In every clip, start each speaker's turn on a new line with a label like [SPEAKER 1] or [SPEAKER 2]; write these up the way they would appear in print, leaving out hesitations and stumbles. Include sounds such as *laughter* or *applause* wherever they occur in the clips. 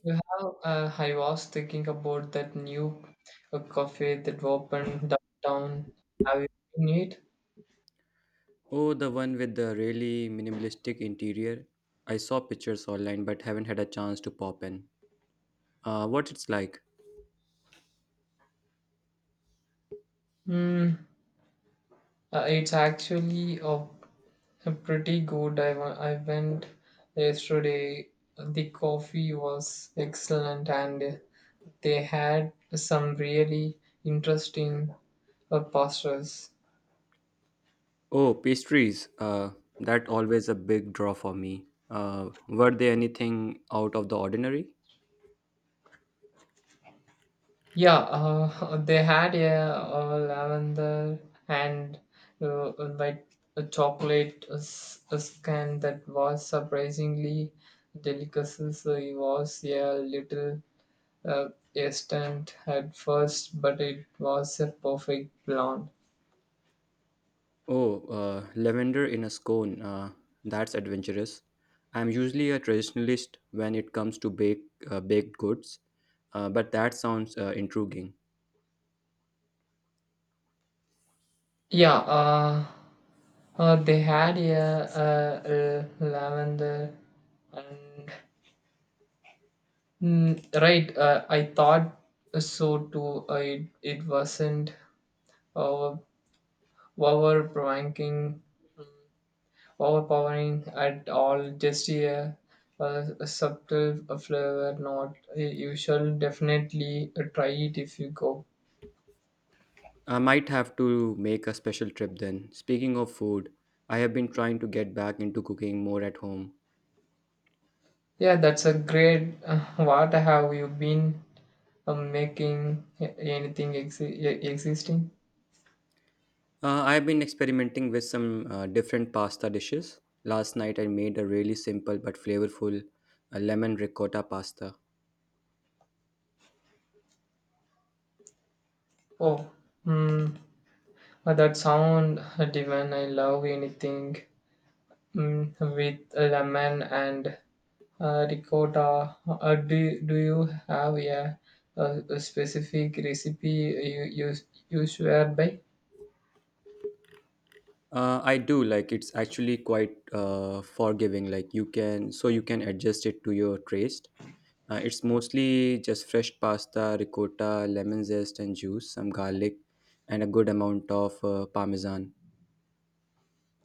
[SPEAKER 1] You have, I was thinking about that new cafe that opened downtown. Have you seen it?
[SPEAKER 2] Oh, the one with the really minimalistic interior. I saw pictures online but haven't had a chance to pop in. What it's like?
[SPEAKER 1] Hmm. It's actually a pretty good. I went yesterday. The coffee was excellent and they had some really interesting pastas.
[SPEAKER 2] Oh, pastries. That always a big draw for me. Were there anything out of the ordinary?
[SPEAKER 1] Yeah, *laughs* they had a lavender and uh, white chocolate scan that was surprisingly delicacy. So it was a little uh, instant at first, but it was a perfect blonde.
[SPEAKER 2] Oh, lavender in a scone. That's adventurous. I'm usually a traditionalist when it comes to baked goods, but that sounds intriguing.
[SPEAKER 1] Yeah, they had a lavender and right. I thought so too. It wasn't uh, overpowering, overpowering at all, just a subtle flavor, not usual. Definitely try it if you go.
[SPEAKER 2] I might have to make a special trip then. Speaking of food, I have been trying to get back into cooking more at home.
[SPEAKER 1] Yeah, that's a great. What have you been making? Anything existing?
[SPEAKER 2] I have been experimenting with some different pasta dishes. Last night I made a really simple but flavorful lemon ricotta pasta.
[SPEAKER 1] Oh, mm, that sound divine. I love anything with lemon and ricotta. Do you have a specific recipe you swear by?
[SPEAKER 2] I do like, it's actually quite forgiving. Like, you can adjust it to your taste. It's mostly just fresh pasta, ricotta, lemon zest and juice, some garlic, and a good amount of parmesan.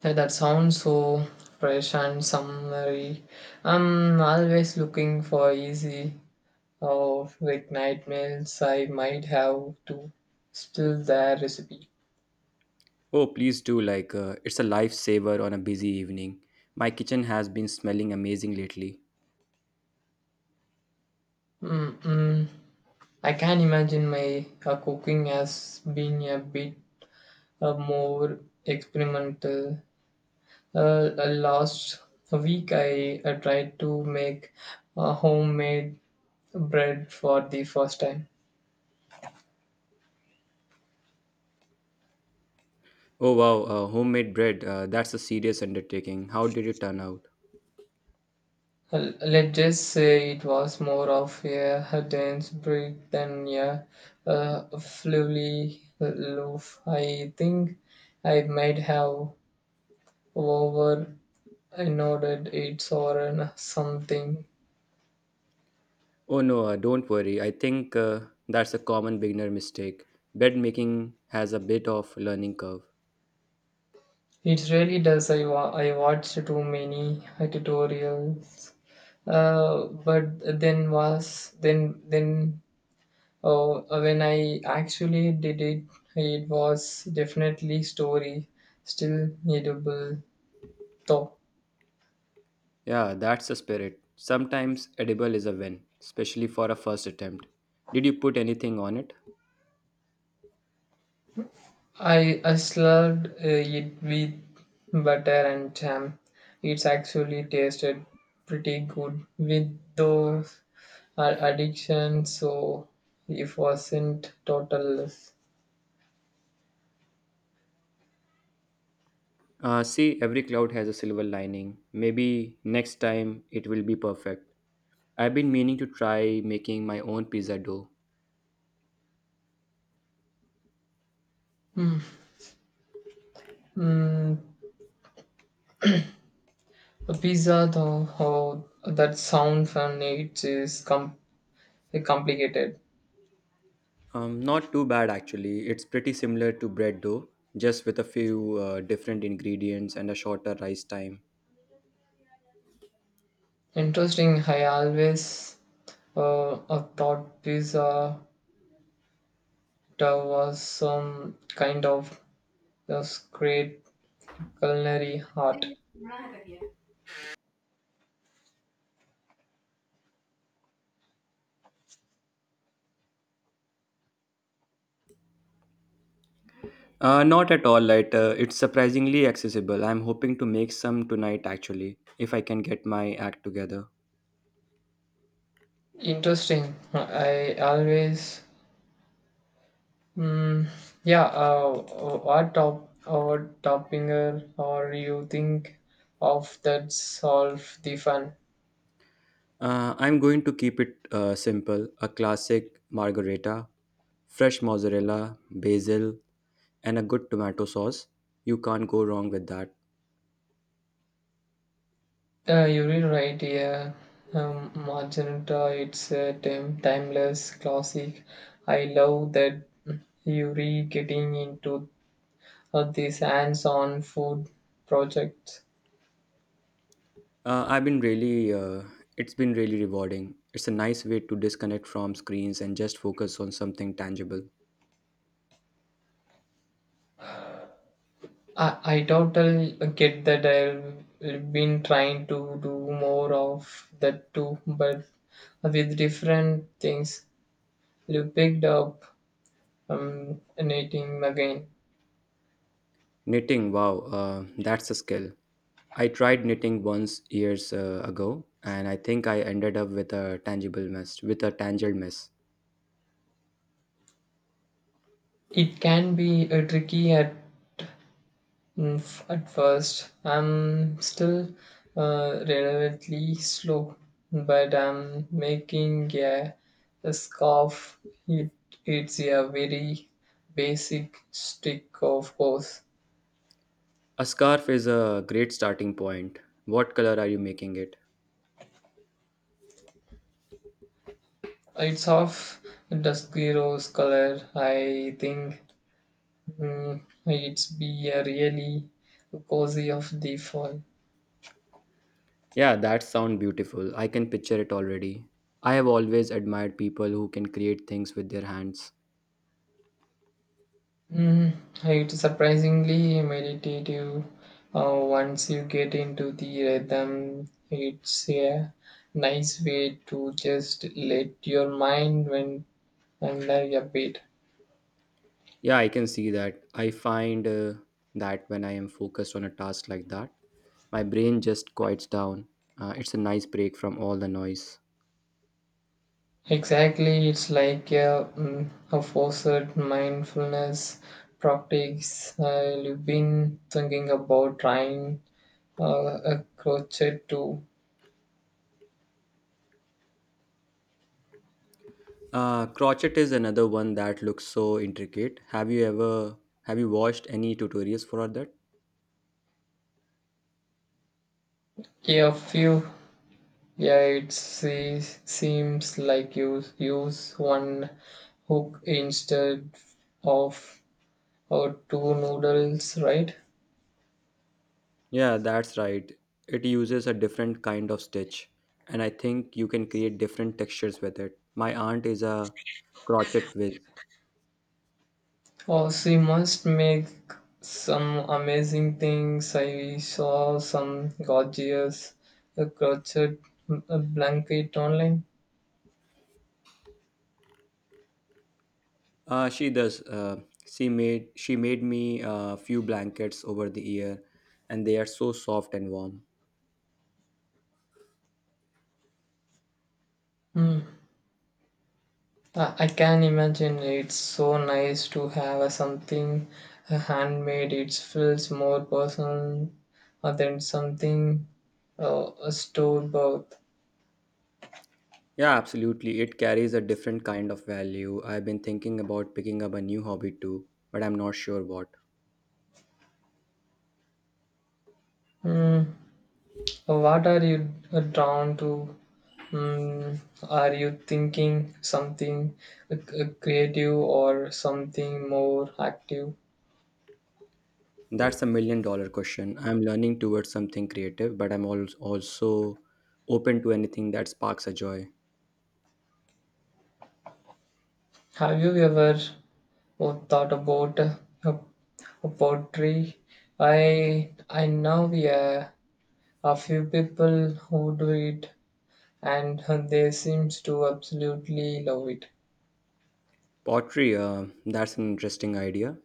[SPEAKER 1] Yeah, that sounds so fresh and summery. I'm always looking for easy or like night meals. I might have to steal their recipe.
[SPEAKER 2] Oh, please do. Like, it's a lifesaver on a busy evening. My kitchen has been smelling amazing lately.
[SPEAKER 1] Mm-mm. I can imagine my cooking as being a bit more experimental. Last week, I tried to make homemade bread for the first time.
[SPEAKER 2] Oh, wow, homemade bread. That's a serious undertaking. How did it turn out?
[SPEAKER 1] Let's just say it was more of a dense bread than a fluffy loaf. I think I might have over nodded it or something.
[SPEAKER 2] Oh, no, don't worry. I think that's a common beginner mistake. Bread making has a bit of learning curve.
[SPEAKER 1] It really does. I watched too many tutorials, but then was then oh when I actually did it, it was definitely story still needable though.
[SPEAKER 2] Yeah, that's the spirit. Sometimes edible is a win, especially for a first attempt. Did you put anything on it?
[SPEAKER 1] I slurred it with butter and jam. It's actually tasted pretty good with those addiction, so it wasn't total loss.
[SPEAKER 2] See, every cloud has a silver lining. Maybe next time it will be perfect. I've been meaning to try making my own pizza dough.
[SPEAKER 1] Mm, a pizza, though, oh, that sound fun it is like, complicated.
[SPEAKER 2] Not too bad actually. It's pretty similar to bread dough, just with a few different ingredients and a shorter rise time.
[SPEAKER 1] Interesting, I always I thought pizza there was some kind of this great culinary art.
[SPEAKER 2] Not at all lighter. It's surprisingly accessible. I'm hoping to make some tonight actually, if I can get my act together.
[SPEAKER 1] Interesting, I always, mm, yeah, what top or toppinger or you think of that solve the fun?
[SPEAKER 2] I'm going to keep it simple, a classic margherita, fresh mozzarella, basil, and a good tomato sauce. You can't go wrong with that.
[SPEAKER 1] You're really right, yeah. Magenta, it's a timeless classic. I love that you're really getting into these hands-on food projects.
[SPEAKER 2] Uh, I've been really, uh, it's been really rewarding. It's a nice way to disconnect from screens and just focus on something tangible.
[SPEAKER 1] I totally get that I've been trying to do more of that too, but with different things. You picked up knitting again.
[SPEAKER 2] Knitting, wow, that's a skill. I tried knitting once years ago, and I think I ended up with a tangible mess. With a tangled mess.
[SPEAKER 1] It can be tricky at at first. I'm still relatively slow, but I'm making a scarf. It, it's a very basic stick, of course.
[SPEAKER 2] A scarf is a great starting point. What color are you making it?
[SPEAKER 1] It's of dusky rose color. I think it's be a really cozy of the fall.
[SPEAKER 2] Yeah, that sounds beautiful. I can picture it already. I have always admired people who can create things with their hands.
[SPEAKER 1] Mm, it's surprisingly meditative once you get into the rhythm. It's a nice way to just let your mind went under a bit.
[SPEAKER 2] Yeah, I can see that. I find that when I am focused on a task like that, my brain just quiets down. It's a nice break from all the noise.
[SPEAKER 1] Exactly, it's like a forced mindfulness practice. You've been thinking about trying a crochet to
[SPEAKER 2] Crochet is another one that looks so intricate. Have you watched any tutorials for that?
[SPEAKER 1] a few. Yeah, it seems like you use one hook instead of or two noodles, right?
[SPEAKER 2] Yeah, that's right. It uses a different kind of stitch, and I think you can create different textures with it. My aunt is a crochet whiz.
[SPEAKER 1] Oh, she must make some amazing things. I saw some gorgeous crochet blanket online.
[SPEAKER 2] She does. She made me a few blankets over the year, and they are so soft and warm.
[SPEAKER 1] Hmm. I can imagine it's so nice to have something handmade. It feels more personal than something store bought.
[SPEAKER 2] Yeah, absolutely. It carries a different kind of value. I've been thinking about picking up a new hobby too, but I'm not sure what.
[SPEAKER 1] Mm. What are you drawn to? Mm. Are you thinking something creative or something more active?
[SPEAKER 2] That's a million dollar question. I'm learning towards something creative, but also open to anything that sparks a joy.
[SPEAKER 1] Have you ever thought about a, a poetry? I know, yeah, a few people who do it and they seems to absolutely love it.
[SPEAKER 2] Pottery, that's an interesting idea.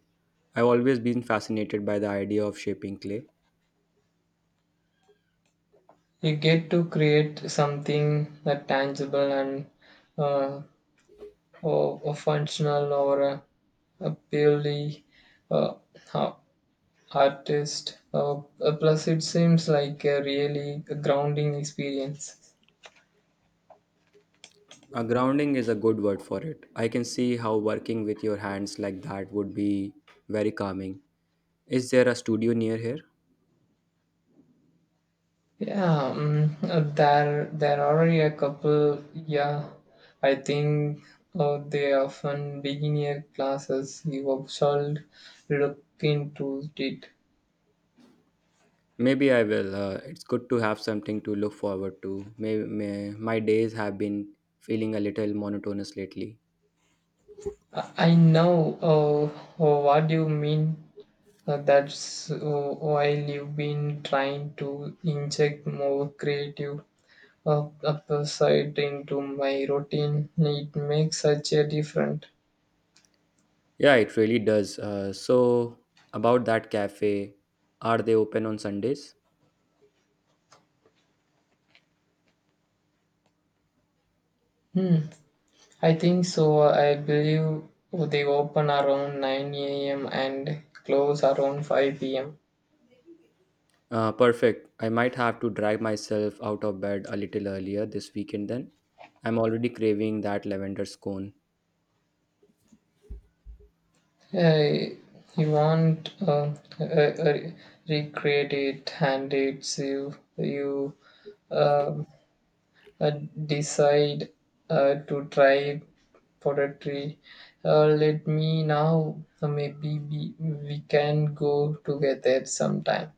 [SPEAKER 2] I've always been fascinated by the idea of shaping clay.
[SPEAKER 1] You get to create something tangible and uh, or functional or a purely uh, a- artist. Plus, it seems like a really grounding experience.
[SPEAKER 2] A grounding is a good word for it. I can see how working with your hands like that would be very calming. Is there a studio near here?
[SPEAKER 1] Yeah, there are a couple. Yeah, I think they often beginner classes. You should look into it.
[SPEAKER 2] Maybe I will. It's good to have something to look forward to. My days have been feeling a little monotonous lately.
[SPEAKER 1] I know uh, what you mean. That's while you've been trying to inject more creative uh, side into my routine. It makes such a difference.
[SPEAKER 2] Yeah, it really does. So, about that cafe, are they open on Sundays?
[SPEAKER 1] Hmm. I think so. I believe they open around 9 a.m. and close around 5 p.m.
[SPEAKER 2] Perfect. I might have to drag myself out of bed a little earlier this weekend then. I'm already craving that lavender scone.
[SPEAKER 1] Uh, you want uh, uh, recreate it, and it's you um, uh, decide to try poetry. Let me now. Maybe we can go together sometime.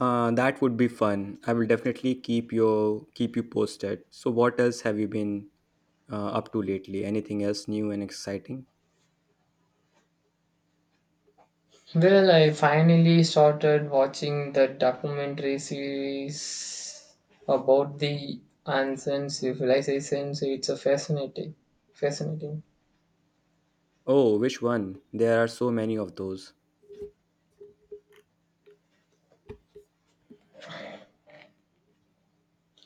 [SPEAKER 2] That would be fun. I will definitely keep you posted. So, what else have you been up to lately? Anything else new and exciting?
[SPEAKER 1] Well, I finally started watching the documentary series about the ancient civilizations. It's a fascinating.
[SPEAKER 2] Oh, which one? There are so many of those.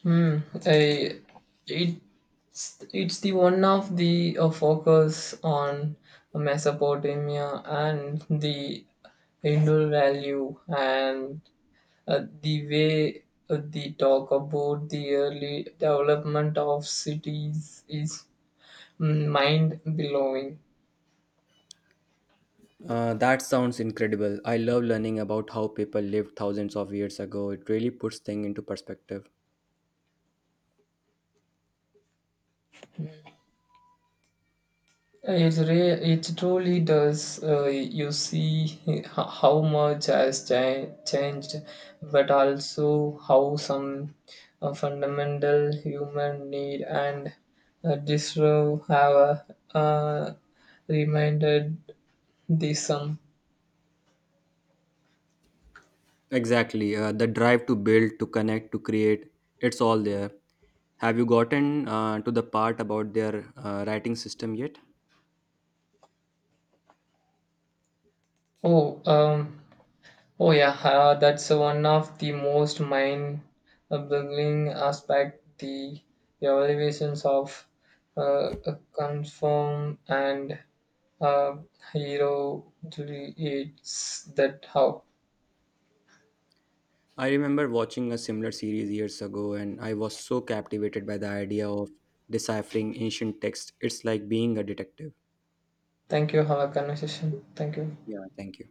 [SPEAKER 1] Hmm. I, it's the one of the focus on Mesopotamia and the Hindu value, and the way the talk about the early development of cities is mind blowing.
[SPEAKER 2] That sounds incredible. I love learning about how people lived thousands of years ago. It really puts things into perspective.
[SPEAKER 1] It truly does. You see how much has changed, but also how some fundamental human need and disturb have reminded the sum.
[SPEAKER 2] Exactly. The drive to build, to connect, to create, it's all there. Have you gotten to the part about their writing system yet?
[SPEAKER 1] Oh, um, Oh yeah, that's one of the most mind-boggling aspect. The evaluations of uh, confirm and uh, hero. It's that how.
[SPEAKER 2] I remember watching a similar series years ago, and I was so captivated by the idea of deciphering ancient text. It's like being a detective.
[SPEAKER 1] Thank you. Have a conversation. Thank you.
[SPEAKER 2] Yeah, thank you.